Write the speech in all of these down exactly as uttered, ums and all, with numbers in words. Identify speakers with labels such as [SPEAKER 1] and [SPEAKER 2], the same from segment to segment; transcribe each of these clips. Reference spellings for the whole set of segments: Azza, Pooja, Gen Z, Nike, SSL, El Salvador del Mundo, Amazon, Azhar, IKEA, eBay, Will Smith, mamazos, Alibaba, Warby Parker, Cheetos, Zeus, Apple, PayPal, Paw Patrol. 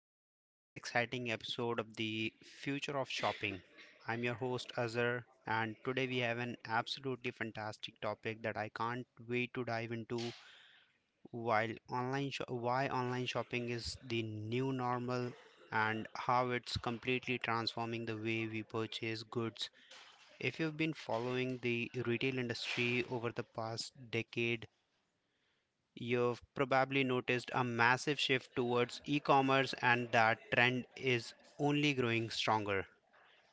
[SPEAKER 1] welcome to another exciting episode of the Future of Shopping. I'm your host Azhar, and today we have an absolutely fantastic topic that I can't wait to dive into. While online, sho- why online shopping is the new normal, and how it's completely transforming the way we purchase goods. If you've been following the retail industry over the past decade, you've probably noticed a massive shift towards e commerce, and that trend is only growing stronger.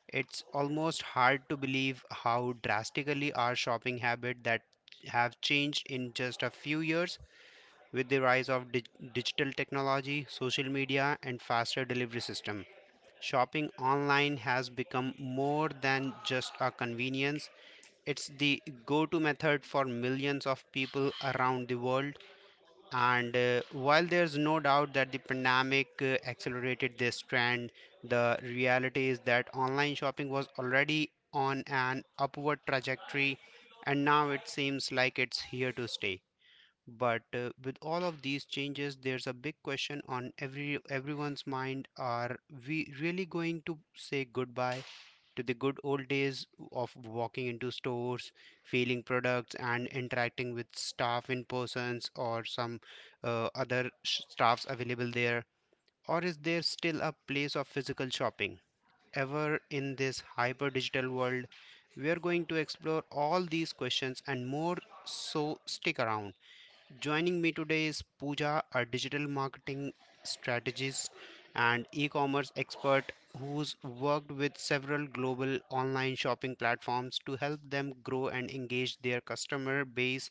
[SPEAKER 1] It's almost hard to believe how drastically our shopping habits that have changed in just a few years with the rise of dig- digital technology, social media, and faster delivery system. Shopping online has become more than just a convenience. It's the go to method for millions of people around the world. And uh, while there's no doubt that the pandemic uh, accelerated this trend, the reality is that online shopping was already on an upward trajectory, and now it seems like it's here to stay. But uh, with all of these changes, there's a big question on every everyone's mind: are we really going to say goodbye to the good old days of walking into stores, feeling products, and interacting with staff in persons, or some uh, other sh- staffs available there? Or is there still a place of physical shopping ever in this hyper digital world? We are going to explore all these questions and more, so stick around. Joining me today is Pooja, a digital marketing strategist and e commerce expert who's worked with several global online shopping platforms to help them grow and engage their customer base.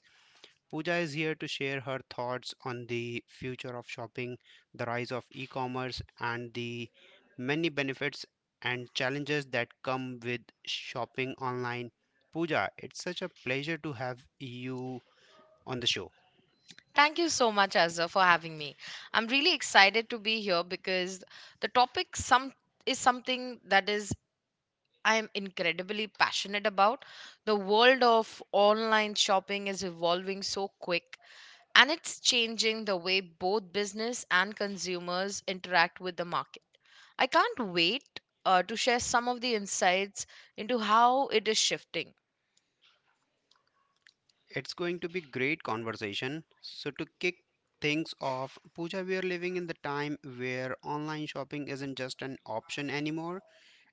[SPEAKER 1] Pooja is here to share her thoughts on the future of shopping, the rise of e commerce, and the many benefits and challenges that come with shopping online. Pooja, it's such a pleasure to have you on the show.
[SPEAKER 2] Thank you so much, Azza, for having me. I'm really excited to be here because the topic some is something that is I am incredibly passionate about. The world of online shopping is evolving so quick, and it's changing the way both business and consumers interact with the market. I can't wait uh, to share some of the insights into how it is shifting.
[SPEAKER 1] It's going to be great conversation. So to kick things off, Pooja, we are living in the time where online shopping isn't just an option anymore.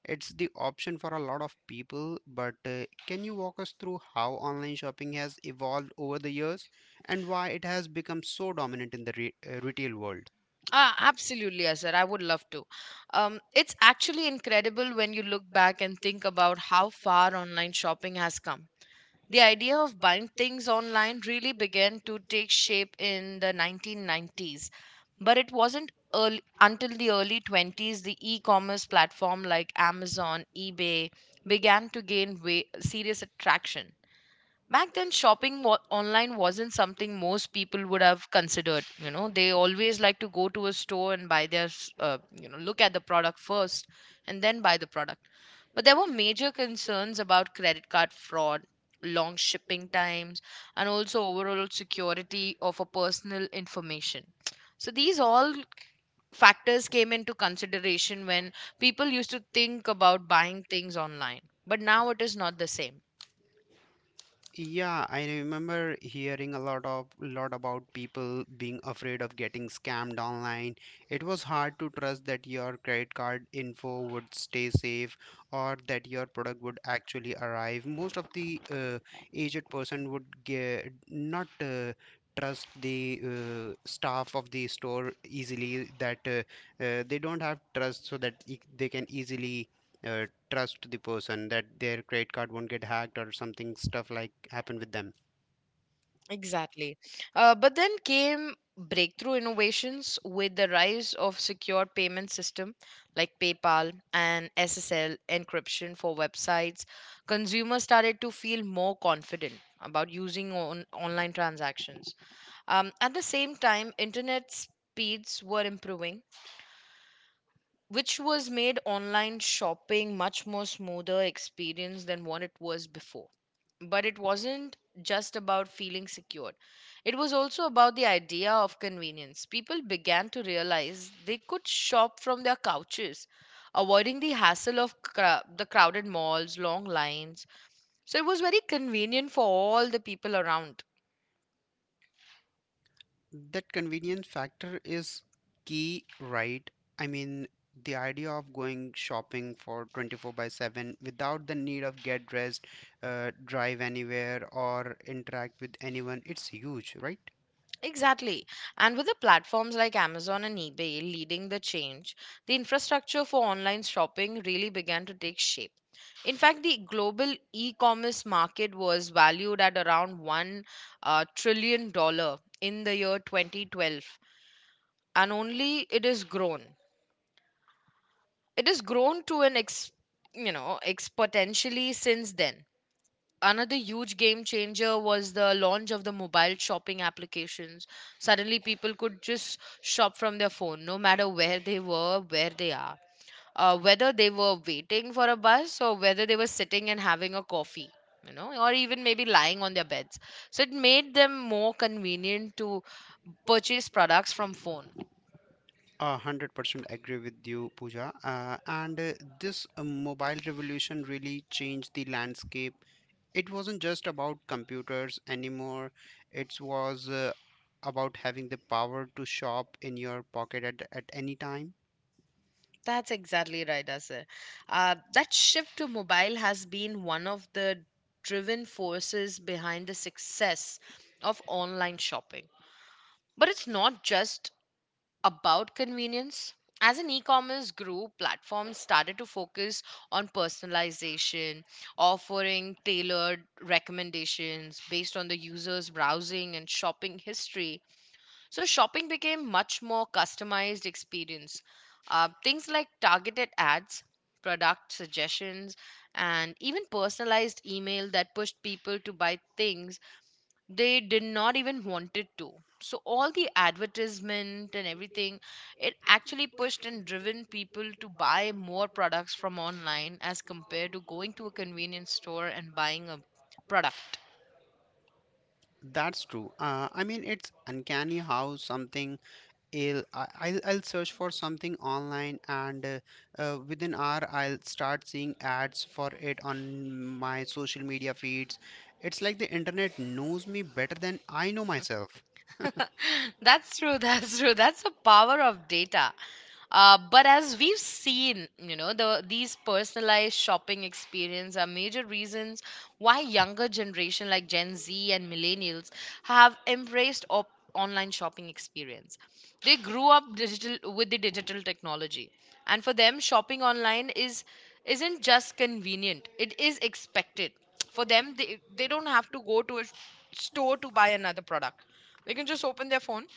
[SPEAKER 1] It's the option for a lot of people, but uh, can you walk us through how online shopping has evolved over the years and why it has become so dominant in the re- uh, retail world?
[SPEAKER 2] Ah, absolutely, Azhar. I would love to. Um, it's actually incredible when you look back and think about how far online shopping has come. The idea of buying things online really began to take shape in the nineteen nineties, but it wasn't early, until the early 20s the e-commerce platform like Amazon, eBay began to gain way, serious attraction. Back then shopping wa- online wasn't something most people would have considered. You know, they always like to go to a store and buy their s- uh, you know, look at the product first and then buy the product. But there were major concerns about credit card fraud, long shipping times, and also overall security of a personal information. So these all factors came into consideration when people used to think about buying things online, but now it is not the same.
[SPEAKER 1] Yeah, I remember hearing a lot of lot about people being afraid of getting scammed online. It was hard to trust that your credit card info would stay safe, or that your product would actually arrive. Most of the uh, aged person would get not uh, trust the uh, staff of the store easily, that uh, uh, they don't have trust, so that e- they can easily uh, trust the person that their credit card won't get hacked or something stuff like happen with them.
[SPEAKER 2] Exactly. Uh, but then came breakthrough innovations with the rise of secure payment system like PayPal and S S L encryption for websites. Consumers started to feel more confident about using on- online transactions. Um, at the same time, internet speeds were improving, which was made online shopping much more smoother experience than what it was before. But it wasn't just about feeling secured. It was also about the idea of convenience. People began to realize they could shop from their couches, avoiding the hassle of cra- the crowded malls, long lines. So it was very convenient for all the people around.
[SPEAKER 1] That convenience factor is key, right? I mean, the idea of going shopping for twenty-four by 7 without the need of get dressed, uh, drive anywhere, or interact with anyone, it's huge, right?
[SPEAKER 2] Exactly. And with the platforms like Amazon and eBay leading the change, the infrastructure for online shopping really began to take shape. In fact, the global e commerce market was valued at around one uh, trillion dollar in the year twenty twelve, and only it has grown. It has grown to an ex, you know, exponentially since then. Another huge game changer was the launch of the mobile shopping applications. Suddenly people could just shop from their phone no matter where they were where they are, uh, whether they were waiting for a bus or whether they were sitting and having a coffee, you know, or even maybe lying on their beds. So it made them more convenient to purchase products from phone.
[SPEAKER 1] A hundred percent agree with you, Pooja. Uh, and uh, This uh, mobile revolution really changed the landscape. It wasn't just about computers anymore. It was uh, about having the power to shop in your pocket at, at any time.
[SPEAKER 2] That's exactly right, Asir. Uh, that shift to mobile has been one of the driven forces behind the success of online shopping. But it's not just about convenience. As an e commerce grew, platforms started to focus on personalization, offering tailored recommendations based on the user's browsing and shopping history. So shopping became much more customized experience. Uh, things like targeted ads, product suggestions, and even personalized email that pushed people to buy things they did not even wanted to. So all the advertisement and everything, it actually pushed and driven people to buy more products from online as compared to going to a convenience store and buying a product.
[SPEAKER 1] That's true. Uh, I mean, it's uncanny how something I'll, I- I'll I'll search for something online and uh, uh, within hour I'll start seeing ads for it on my social media feeds. It's like the internet knows me better than I know myself.
[SPEAKER 2] That's true. That's true. That's the power of data. Uh, but as we've seen, you know, the these personalized shopping experience are major reasons why younger generation like Gen Z and millennials have embraced op- online shopping experience. They grew up digital with the digital technology, and for them, shopping online is isn't just convenient; it is expected. For them, they they don't have to go to a s- store to buy another product. They can just open their phone,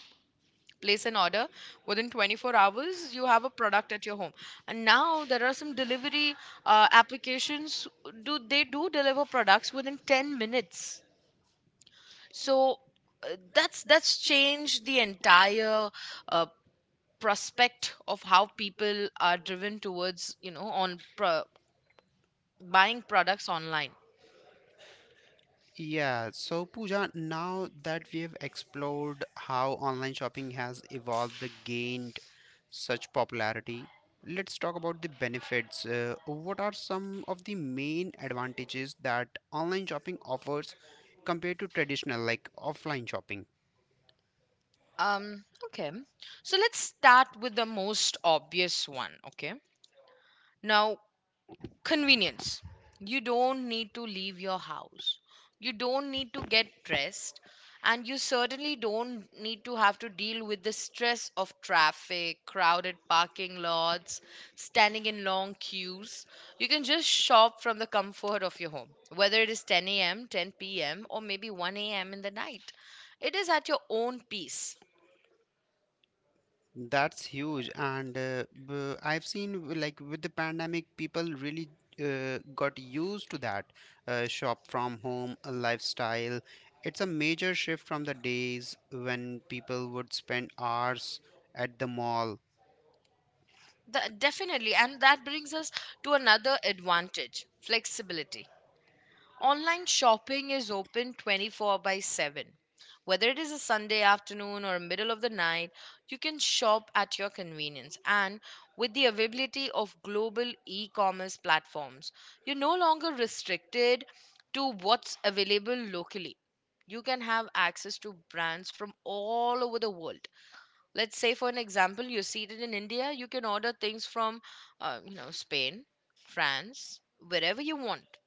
[SPEAKER 2] place an order. Within twenty-four hours, you have a product at your home. And now there are some delivery uh, applications. Do they do deliver products within ten minutes? So uh, that's that's changed the entire uh, prospect of how people are driven towards, you know, on pro- buying products online.
[SPEAKER 1] Yeah, so Pooja, now that we have explored how online shopping has evolved and gained such popularity, let's talk about the benefits. Uh, what are some of the main advantages that online shopping offers compared to traditional, like offline shopping?
[SPEAKER 2] Um. Okay. So let's start with the most obvious one. Okay. Now, convenience. You don't need to leave your house, you don't need to get dressed, and you certainly don't need to have to deal with the stress of traffic, crowded parking lots, standing in long queues. You can just shop from the comfort of your home whether it is ten a.m, ten p.m, or maybe one a.m in the night. It is at your own pace.
[SPEAKER 1] That's huge. And uh, b- I've seen w- like with the pandemic, people really uh, got used to that uh, shop from home uh, lifestyle. It's a major shift from the days when people would spend hours at the mall.
[SPEAKER 2] The- definitely, and that brings us to another advantage, flexibility. Online shopping is open twenty-four by seven. Whether it is a Sunday afternoon or middle of the night, you can shop at your convenience. And with the availability of global e commerce platforms, you're no longer restricted to what's available locally. You can have access to brands from all over the world. Let's say, for an example, you're seated in India, you can order things from, uh, you know, Spain, France, wherever you want.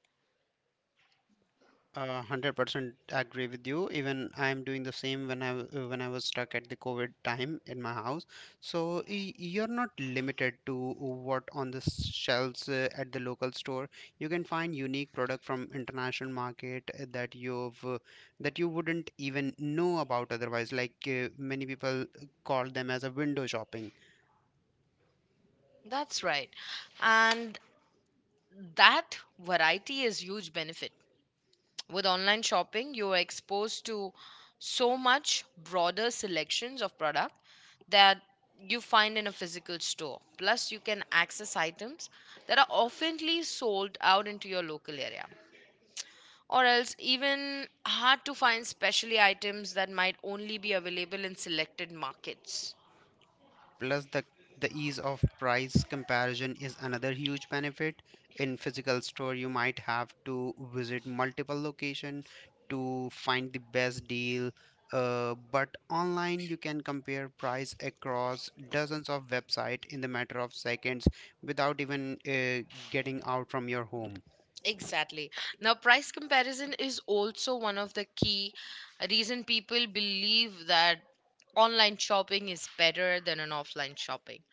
[SPEAKER 1] Uh, one hundred percent agree with you. Even I am doing the same when I w- uh, when I was stuck at the COVID time in my house. So y- you're not limited to what on the s- shelves uh, at the local store. You can find unique product from international market uh, that you've uh, that you wouldn't even know about otherwise. Like uh, many people call them as a window shopping.
[SPEAKER 2] That's right. And that variety is huge benefit. With online shopping, you are exposed to so much broader selections of product that you find in a physical store. Plus, you can access items that are oftenly sold out into your local area. Or else even hard to find specialty items that might only be available in selected markets.
[SPEAKER 1] Plus, the, the ease of price comparison is another huge benefit. In physical store, you might have to visit multiple locations to find the best deal. Uh, but online, you can compare price across dozens of websites in the matter of seconds without even uh, getting out from your home.
[SPEAKER 2] Exactly. Now, price comparison is also one of the key reason people believe that online shopping is better than an offline shopping.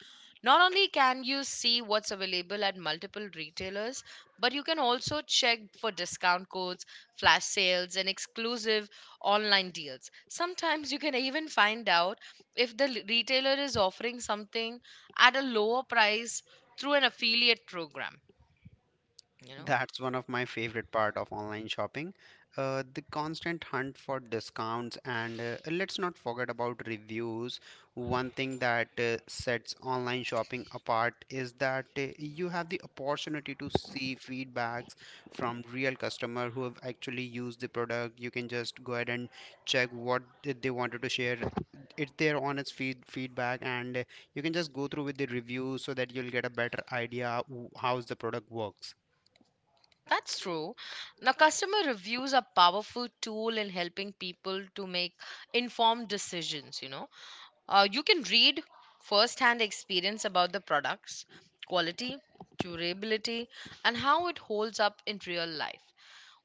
[SPEAKER 2] Not only can you see what's available at multiple retailers, but you can also check for discount codes, flash sales, and exclusive online deals. Sometimes you can even find out if the l- retailer is offering something at a lower price through an affiliate program, you know.
[SPEAKER 1] That's one of my favorite part of online shopping, uh, the constant hunt for discounts, and uh, let's not forget about reviews. One thing that uh, sets online shopping apart is that uh, you have the opportunity to see feedbacks from real customer who have actually used the product. You can just go ahead and check what did they wanted to share. It's their honest feed, feedback, and uh, you can just go through with the reviews so that you'll get a better idea w- how's the product works.
[SPEAKER 2] That's true. Now, customer reviews are powerful tool in helping people to make informed decisions. You know, uh, you can read first-hand experience about the products, quality, durability, and how it holds up in real life.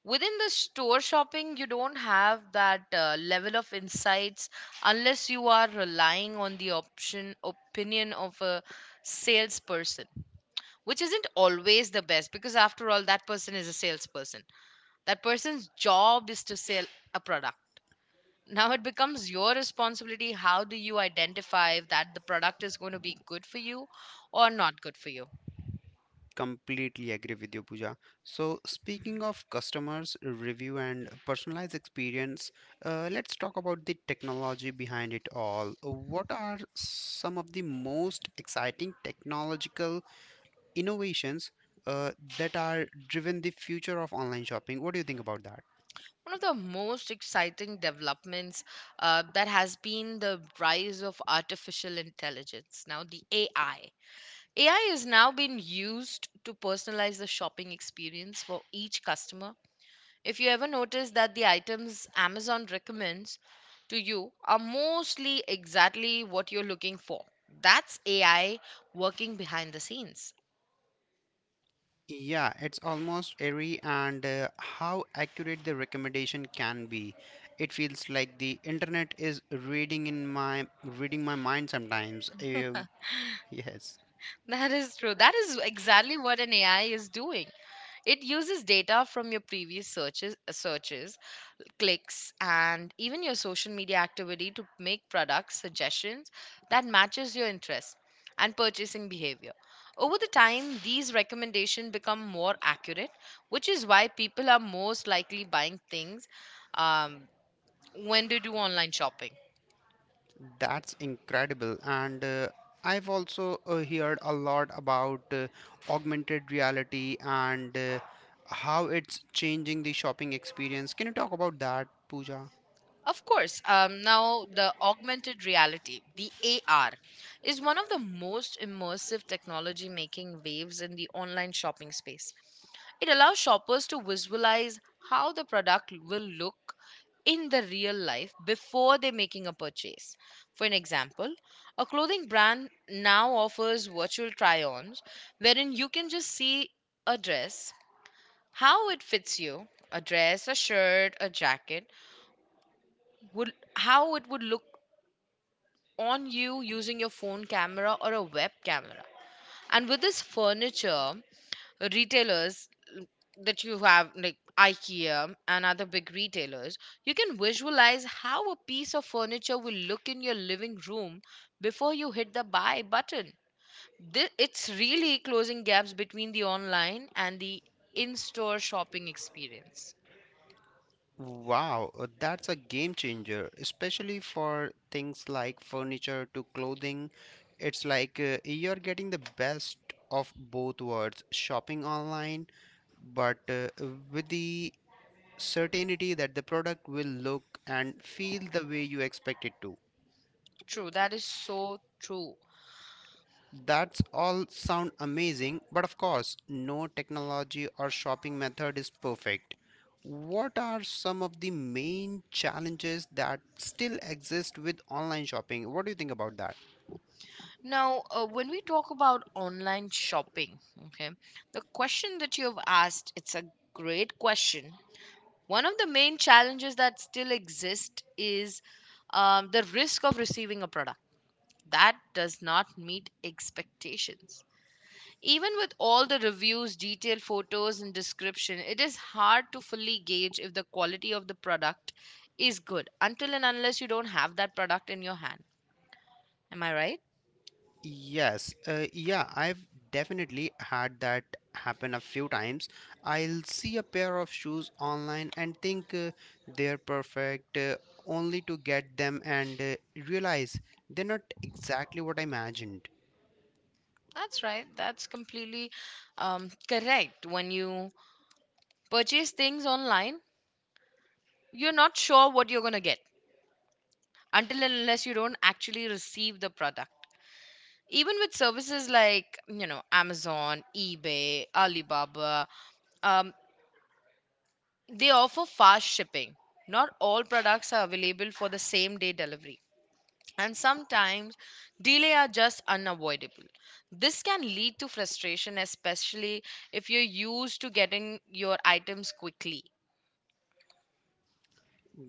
[SPEAKER 2] Within the store shopping, you don't have that uh, level of insights unless you are relying on the option opinion of a salesperson, which isn't always the best because after all, that person is a salesperson. That person's job is to sell a product. Now it becomes your responsibility how do you identify that the product is going to be good for you or not good for you.
[SPEAKER 1] Completely agree with you, Pooja. So, speaking of customers, review, and personalized experience, uh, let's talk about the technology behind it all. What are some of the most exciting technological innovations uh, that are driven the future of online shopping? What do you think about that?
[SPEAKER 2] One of the most exciting developments uh, that has been the rise of artificial intelligence. Now the ai ai is now being used to personalize the shopping experience for each customer. If you ever notice that the items Amazon recommends to you are mostly exactly what you're looking for, that's A I working behind the scenes.
[SPEAKER 1] Yeah, it's almost airy, and uh, how accurate the recommendation can be. It feels like the internet is reading in my reading my mind sometimes. Uh, Yes,
[SPEAKER 2] That is true. That is exactly what an A I is doing. It uses data from your previous searches, searches, clicks, and even your social media activity to make product suggestions that matches your interests and purchasing behavior. Over the time these recommendations become more accurate, which is why people are most likely buying things, um, when they do online shopping.
[SPEAKER 1] that's incredible. And uh, I've also uh, heard a lot about uh, augmented reality, and uh, how it's changing the shopping experience. Can you talk about that, Pooja?
[SPEAKER 2] Of course. Um, now the augmented reality, the A R, is one of the most immersive technology making waves in the online shopping space. It allows shoppers to visualize how the product will look in the real life before they're making a purchase. For an example, a clothing brand now offers virtual try ons wherein you can just see a dress, how it fits you, a dress, a shirt, a jacket, would, how it would look on you using your phone camera or a web camera. And with this furniture, retailers l- that you have like IKEA and other big retailers, you can visualize how a piece of furniture will look in your living room before you hit the buy button. Thi- It's really closing gaps between the online and the in store shopping experience.
[SPEAKER 1] Wow, uh, that's a game changer, especially for things like furniture to clothing. It's like uh, you're getting the best of both worlds, shopping online, but uh, with the certainty that the product will look and feel the way you expect it to.
[SPEAKER 2] True, that is so true.
[SPEAKER 1] That's all sound amazing, but of course, no technology or shopping method is perfect. What are some of the main challenges that still exist with online shopping? What do you think about that?
[SPEAKER 2] Now, uh, when we talk about online shopping, okay, the question that you have asked, it's a great question. One of the main challenges that still exist is um, the risk of receiving a product that does not meet expectations. Even with all the reviews, detailed photos, and description, it is hard to fully gauge if the quality of the product is good until and unless you don't have that product in your hand. Am I right?
[SPEAKER 1] Yes, uh, yeah, I've definitely had that happen a few times. I'll see a pair of shoes online and think uh, they're perfect, uh, only to get them and uh, realize they're not exactly what I imagined.
[SPEAKER 2] That's right. That's completely um, correct. When you purchase things online, you're not sure what you're going to get until and unless you don't actually receive the product, even with services like, you know, amazon, ebay, alibaba. um, they offer fast shipping. Not all products are available for the same day delivery, and sometimes delay are just unavoidable. This can lead to frustration especially if you're used to getting your items quickly.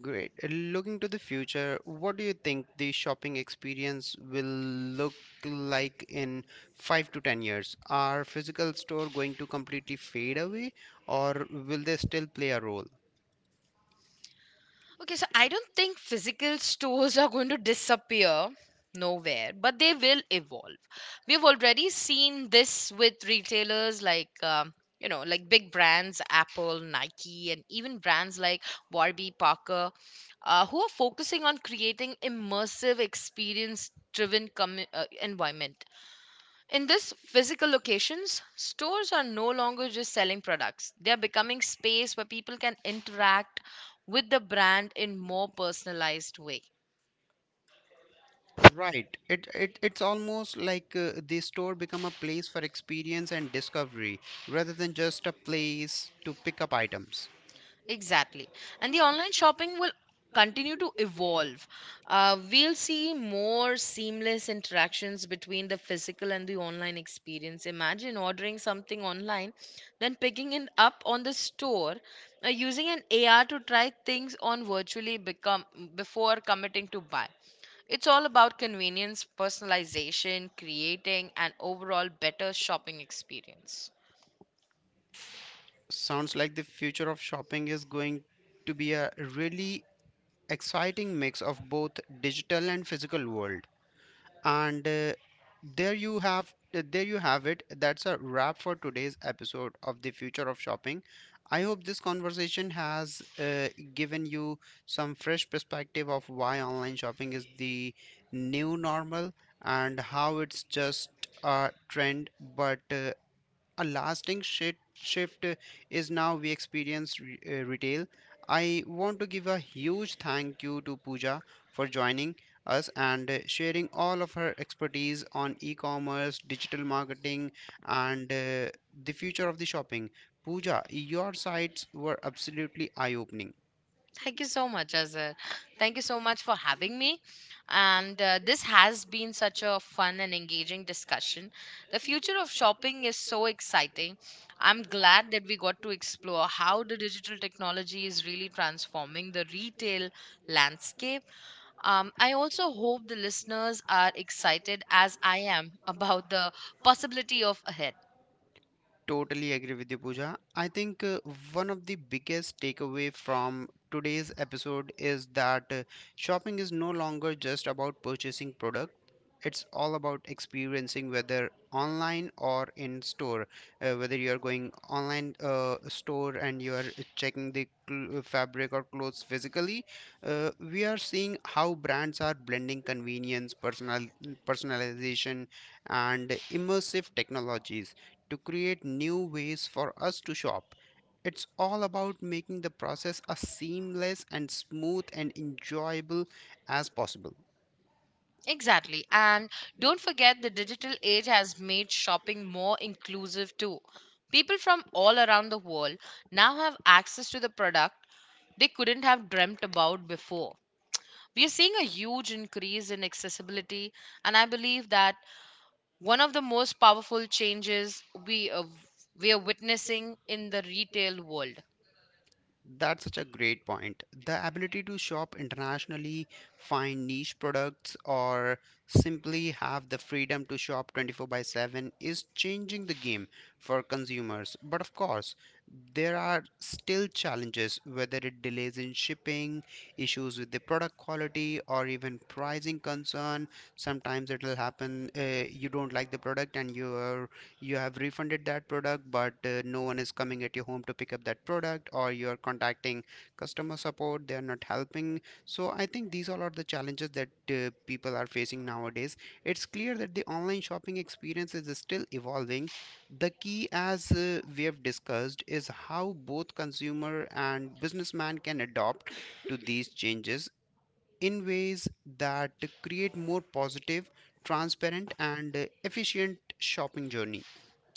[SPEAKER 1] Great. Uh, Looking to the future, what do you think the shopping experience will look like in five to ten years? Are physical store going to completely fade away, or will they still play a role?
[SPEAKER 2] Okay, so I don't think physical stores are going to disappear nowhere, but they will evolve. We've already seen this with retailers like, um, you know, like big brands, Apple, Nike, and even brands like Warby Parker, uh, who are focusing on creating immersive experience driven commu uh, environment in these physical locations. Stores are no longer just selling products. They are becoming space where people can interact with the brand in more personalized way.
[SPEAKER 1] Right. It, it it's almost like uh, the store become a place for experience and discovery rather than just a place to pick up items.
[SPEAKER 2] Exactly. And the online shopping will continue to evolve. Uh, we'll see more seamless interactions between the physical and the online experience. Imagine ordering something online, then picking it up on the store, uh, using an A R to try things on virtually become before committing to buy. It's all about convenience, personalization, creating an overall better shopping experience.
[SPEAKER 1] Sounds like the future of shopping is going to be a really exciting mix of both digital and physical world. And uh, there you have uh, There you have it. That's a wrap for today's episode of the Future of Shopping. I hope this conversation has uh, given you some fresh perspective of why online shopping is the new normal, and how it's just a trend, but uh, a lasting shi- shift is now we experience re- uh, retail. I want to give a huge thank you to Pooja for joining us and uh, sharing all of her expertise on e-commerce, digital marketing, and uh, the future of the shopping. Pooja, your sites were absolutely eye-opening.
[SPEAKER 2] Thank you so much, Azhar. Thank you so much for having me. And uh, this has been such a fun and engaging discussion. The future of shopping is so exciting. I'm glad that we got to explore how the digital technology is really transforming the retail landscape. Um, I also hope the listeners are excited as I am about the possibility of ahead.
[SPEAKER 1] Totally agree with you, Pooja. I think uh, one of the biggest takeaway from today's episode is that uh, shopping is no longer just about purchasing product. It's all about experiencing, whether online or in store, uh, whether you are going online uh, store and you are checking the cl- uh, fabric or clothes physically. Uh, we are seeing how brands are blending convenience, personal personalization, and immersive technologies to create new ways for us to shop. It's all about making the process as seamless and smooth and enjoyable as possible.
[SPEAKER 2] Exactly. And don't forget the digital age has made shopping more inclusive too. People from all around the world now have access to the product they couldn't have dreamt about before. We are seeing a huge increase in accessibility, and I believe that one of the most powerful changes we are, we are witnessing in the retail world.
[SPEAKER 1] That's such a great point. The ability to shop internationally, find niche products, or simply have the freedom to shop twenty-four by 7 is changing the game for consumers. But of course, there are still challenges, whether it delays in shipping, issues with the product quality, or even pricing concern. Sometimes it'll happen, uh, you don't like the product and your you have refunded that product, but uh, no one is coming at your home to pick up that product, or you are contacting customer support, they are not helping. So I think these all are the challenges that uh, people are facing nowadays. It's clear that the online shopping experience is still evolving. The key, as uh, we have discussed, is how both consumer and businessman can adopt to these changes in ways that create more positive, transparent, and uh, efficient shopping journey.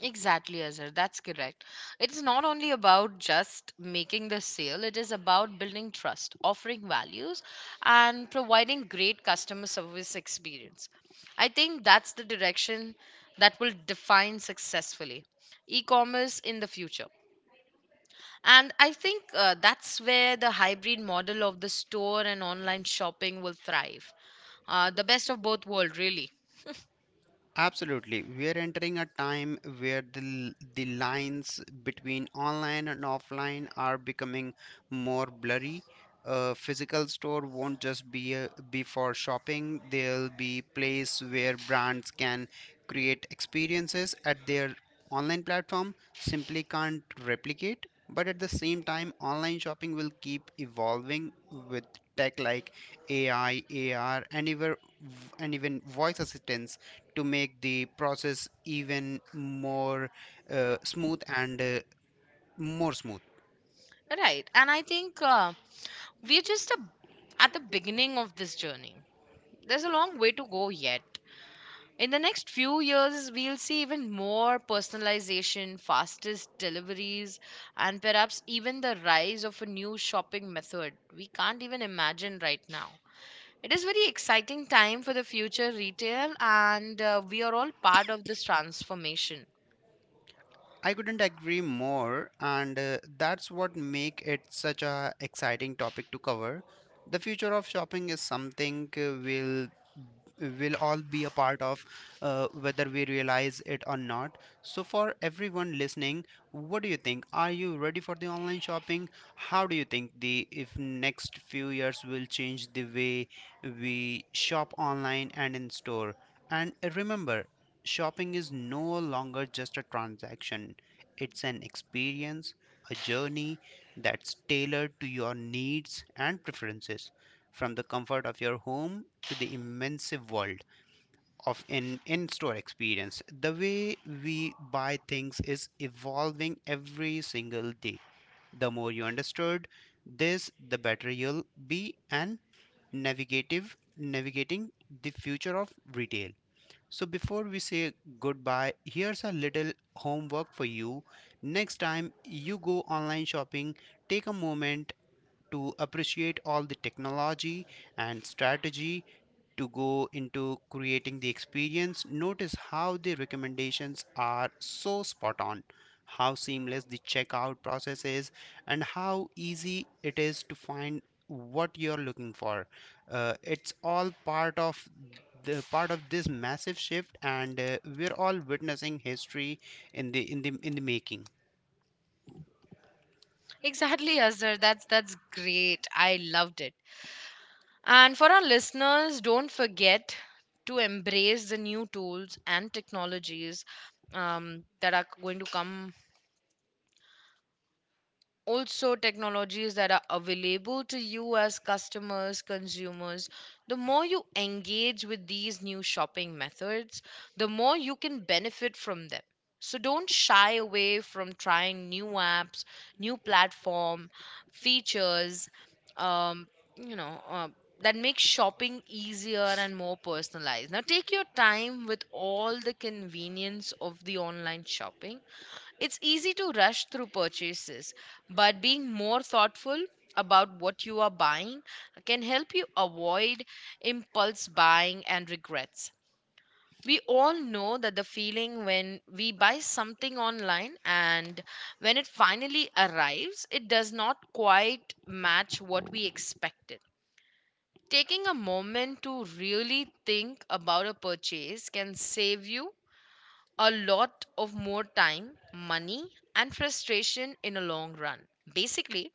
[SPEAKER 2] Exactly, Azhar. That's correct. It's not only about just making the sale, it is about building trust, offering values, and providing great customer service experience. I think that's the direction that will define successfully e commerce in the future. And I think uh, that's where the hybrid model of the store and online shopping will thrive. Uh, the best of both worlds, really.
[SPEAKER 1] Absolutely. We are entering a time where the, the lines between online and offline are becoming more blurry. A physical store won't just be, a, be for shopping, there'll be place where brands can create experiences at their online platform simply can't replicate. But at the same time, online shopping will keep evolving with tech like A I, A R, and even, and even voice assistants to make the process even more uh, smooth and uh, more smooth
[SPEAKER 2] Right. And I think. Uh, we're just a, at the beginning of this journey. There's a long way to go yet. In the next few years, we'll see even more personalization, fastest deliveries, and perhaps even the rise of a new shopping method we can't even imagine right now. It is very exciting time for the future retail, and uh, we are all part of this transformation.
[SPEAKER 1] I couldn't agree more, and uh, that's what make it such a exciting topic to cover. The future of shopping is something uh, we'll will all be a part of, uh, whether we realize it or not. So, for everyone listening, what do you think? Are you ready for the online shopping? How do you think the if next few years will change the way we shop online and in store? And remember, shopping is no longer just a transaction, it's an experience, a journey that's tailored to your needs and preferences, from the comfort of your home to the immense world of an in store experience. The way we buy things is evolving every single day. The more you understood this, the better you'll be and navigative navigating the future of retail. So, before we say goodbye, here's a little homework for you. Next time you go online shopping, take a moment to appreciate all the technology and strategy to go into creating the experience. Notice how the recommendations are so spot on, how seamless the checkout process is, and how easy it is to find what you're looking for. Uh, it's all part of the part of this massive shift and uh, we're all witnessing history in the in the in the making
[SPEAKER 2] Exactly, Azhar. That's that's great. I loved it. And for our listeners, don't forget to embrace the new tools and technologies um, that are going to come, also technologies that are available to you as customers consumers. The more you engage with these new shopping methods, the more you can benefit from them. So don't shy away from trying new apps, new platform features, um, you know uh, that make shopping easier and more personalized. Now take your time with all the convenience of the online shopping. It's easy to rush through purchases, but being more thoughtful about what you are buying can help you avoid impulse buying and regrets. We all know that the feeling when we buy something online and when it finally arrives, it does not quite match what we expected. Taking a moment to really think about a purchase can save you a lot of more time, money, and frustration in a long run. Basically,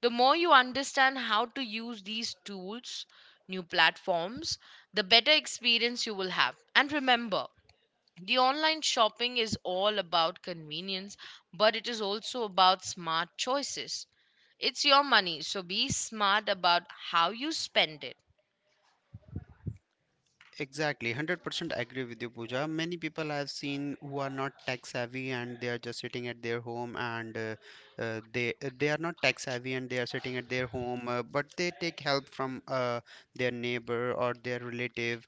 [SPEAKER 2] the more you understand how to use these tools, new platforms, the better experience you will have. And remember, the online shopping is all about convenience, but it is also about smart choices. It's your money, so be smart about how you spend it.
[SPEAKER 1] Exactly, one hundred percent agree with you, Pooja. Many people I've seen who are not tech savvy and they are just sitting at their home and uh, uh, they uh, they are not tech savvy and they are sitting at their home, uh, but they take help from uh, their neighbor or their relative.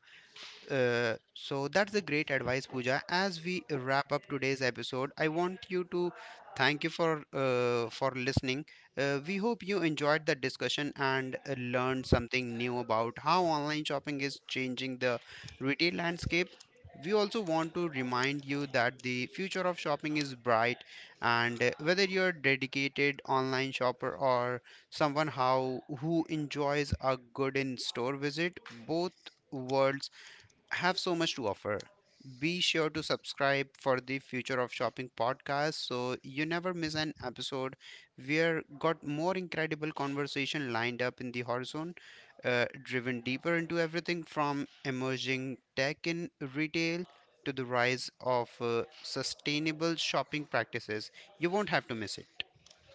[SPEAKER 1] uh, So that's a great advice, Pooja. As we wrap up today's episode, I want you to thank you for uh, for listening. Uh, we hope you enjoyed the discussion and uh, learned something new about how online shopping is changing the retail landscape. We also want to remind you that the future of shopping is bright, and uh, whether you're a dedicated online shopper or someone how who enjoys a good in-store visit, both worlds have so much to offer. Be sure to subscribe for the Future of Shopping podcast so you never miss an episode. We're got more incredible conversation lined up in the horizon, uh, driven deeper into everything from emerging tech in retail to the rise of uh, sustainable shopping practices. You won't have to miss it.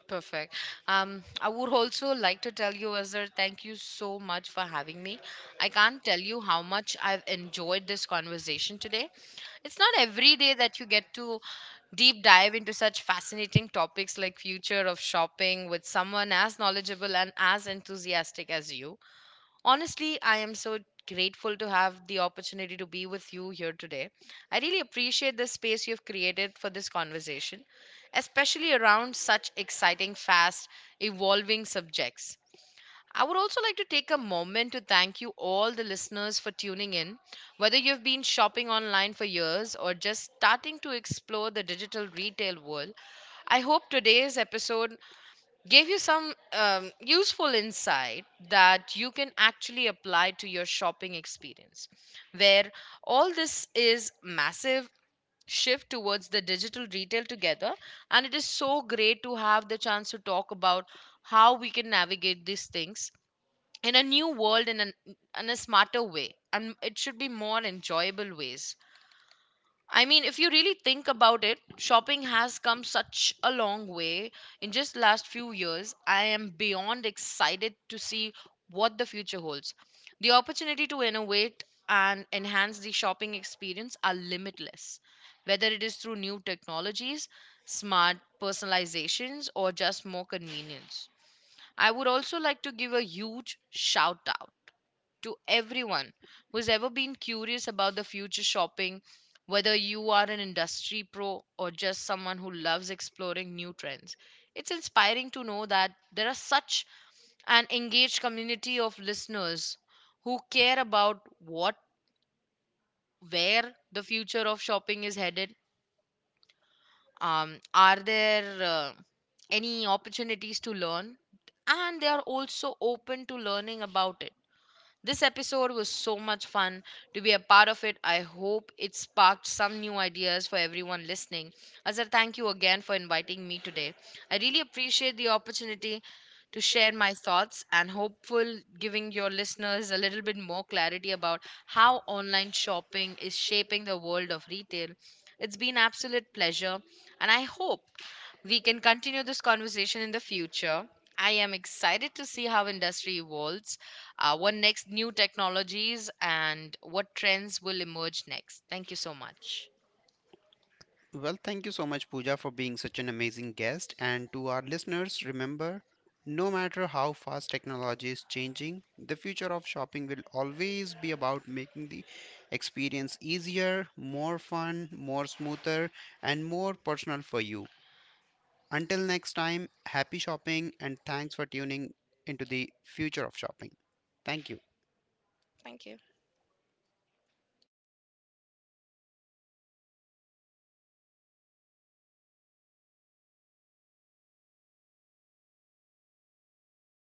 [SPEAKER 2] Perfect. Um, I would also like to tell you, Azhar, thank you so much for having me. I can't tell you how much I've enjoyed this conversation today. It's not every day that you get to deep dive into such fascinating topics like future of shopping with someone as knowledgeable and as enthusiastic as you. Honestly, I am so grateful to have the opportunity to be with you here today. I really appreciate the space you've created for this conversation, especially around such exciting, fast, evolving subjects. I would also like to take a moment to thank you, all the listeners, for tuning in. Whether you've been shopping online for years or just starting to explore the digital retail world, I hope today's episode gave you some um, useful insight that you can actually apply to your shopping experience, where all this is massive shift towards the digital retail together, and it is so great to have the chance to talk about how we can navigate these things in a new world in, an, in a smarter way and it should be more enjoyable ways. I mean, if you really think about it, shopping has come such a long way in just last few years. I am beyond excited to see what the future holds. The opportunity to innovate and enhance the shopping experience are limitless. Whether it is through new technologies, smart personalizations, or just more convenience. I would also like to give a huge shout out to everyone who's ever been curious about the future shopping, whether you are an industry pro or just someone who loves exploring new trends. It's inspiring to know that there are such an engaged community of listeners who care about what where the future of shopping is headed. Um, are there uh, Any opportunities to learn? And they are also open to learning about it. This episode was so much fun to be a part of it. I hope it sparked some new ideas for everyone listening. Azhar, thank you again for inviting me today. I really appreciate the opportunity to share my thoughts and hopeful giving your listeners a little bit more clarity about how online shopping is shaping the world of retail. It's been absolute pleasure and I hope we can continue this conversation in the future. I am excited to see how industry evolves, uh, what next new technologies and what trends will emerge next. Thank you so much.
[SPEAKER 1] Well, thank you so much, Pooja, for being such an amazing guest. And to our listeners, remember no matter how fast technology is changing, the future of shopping will always be about making the experience easier, more fun, more smoother, and more personal for you. Until next time, happy shopping and thanks for tuning into the future of shopping. Thank you.
[SPEAKER 2] Thank you.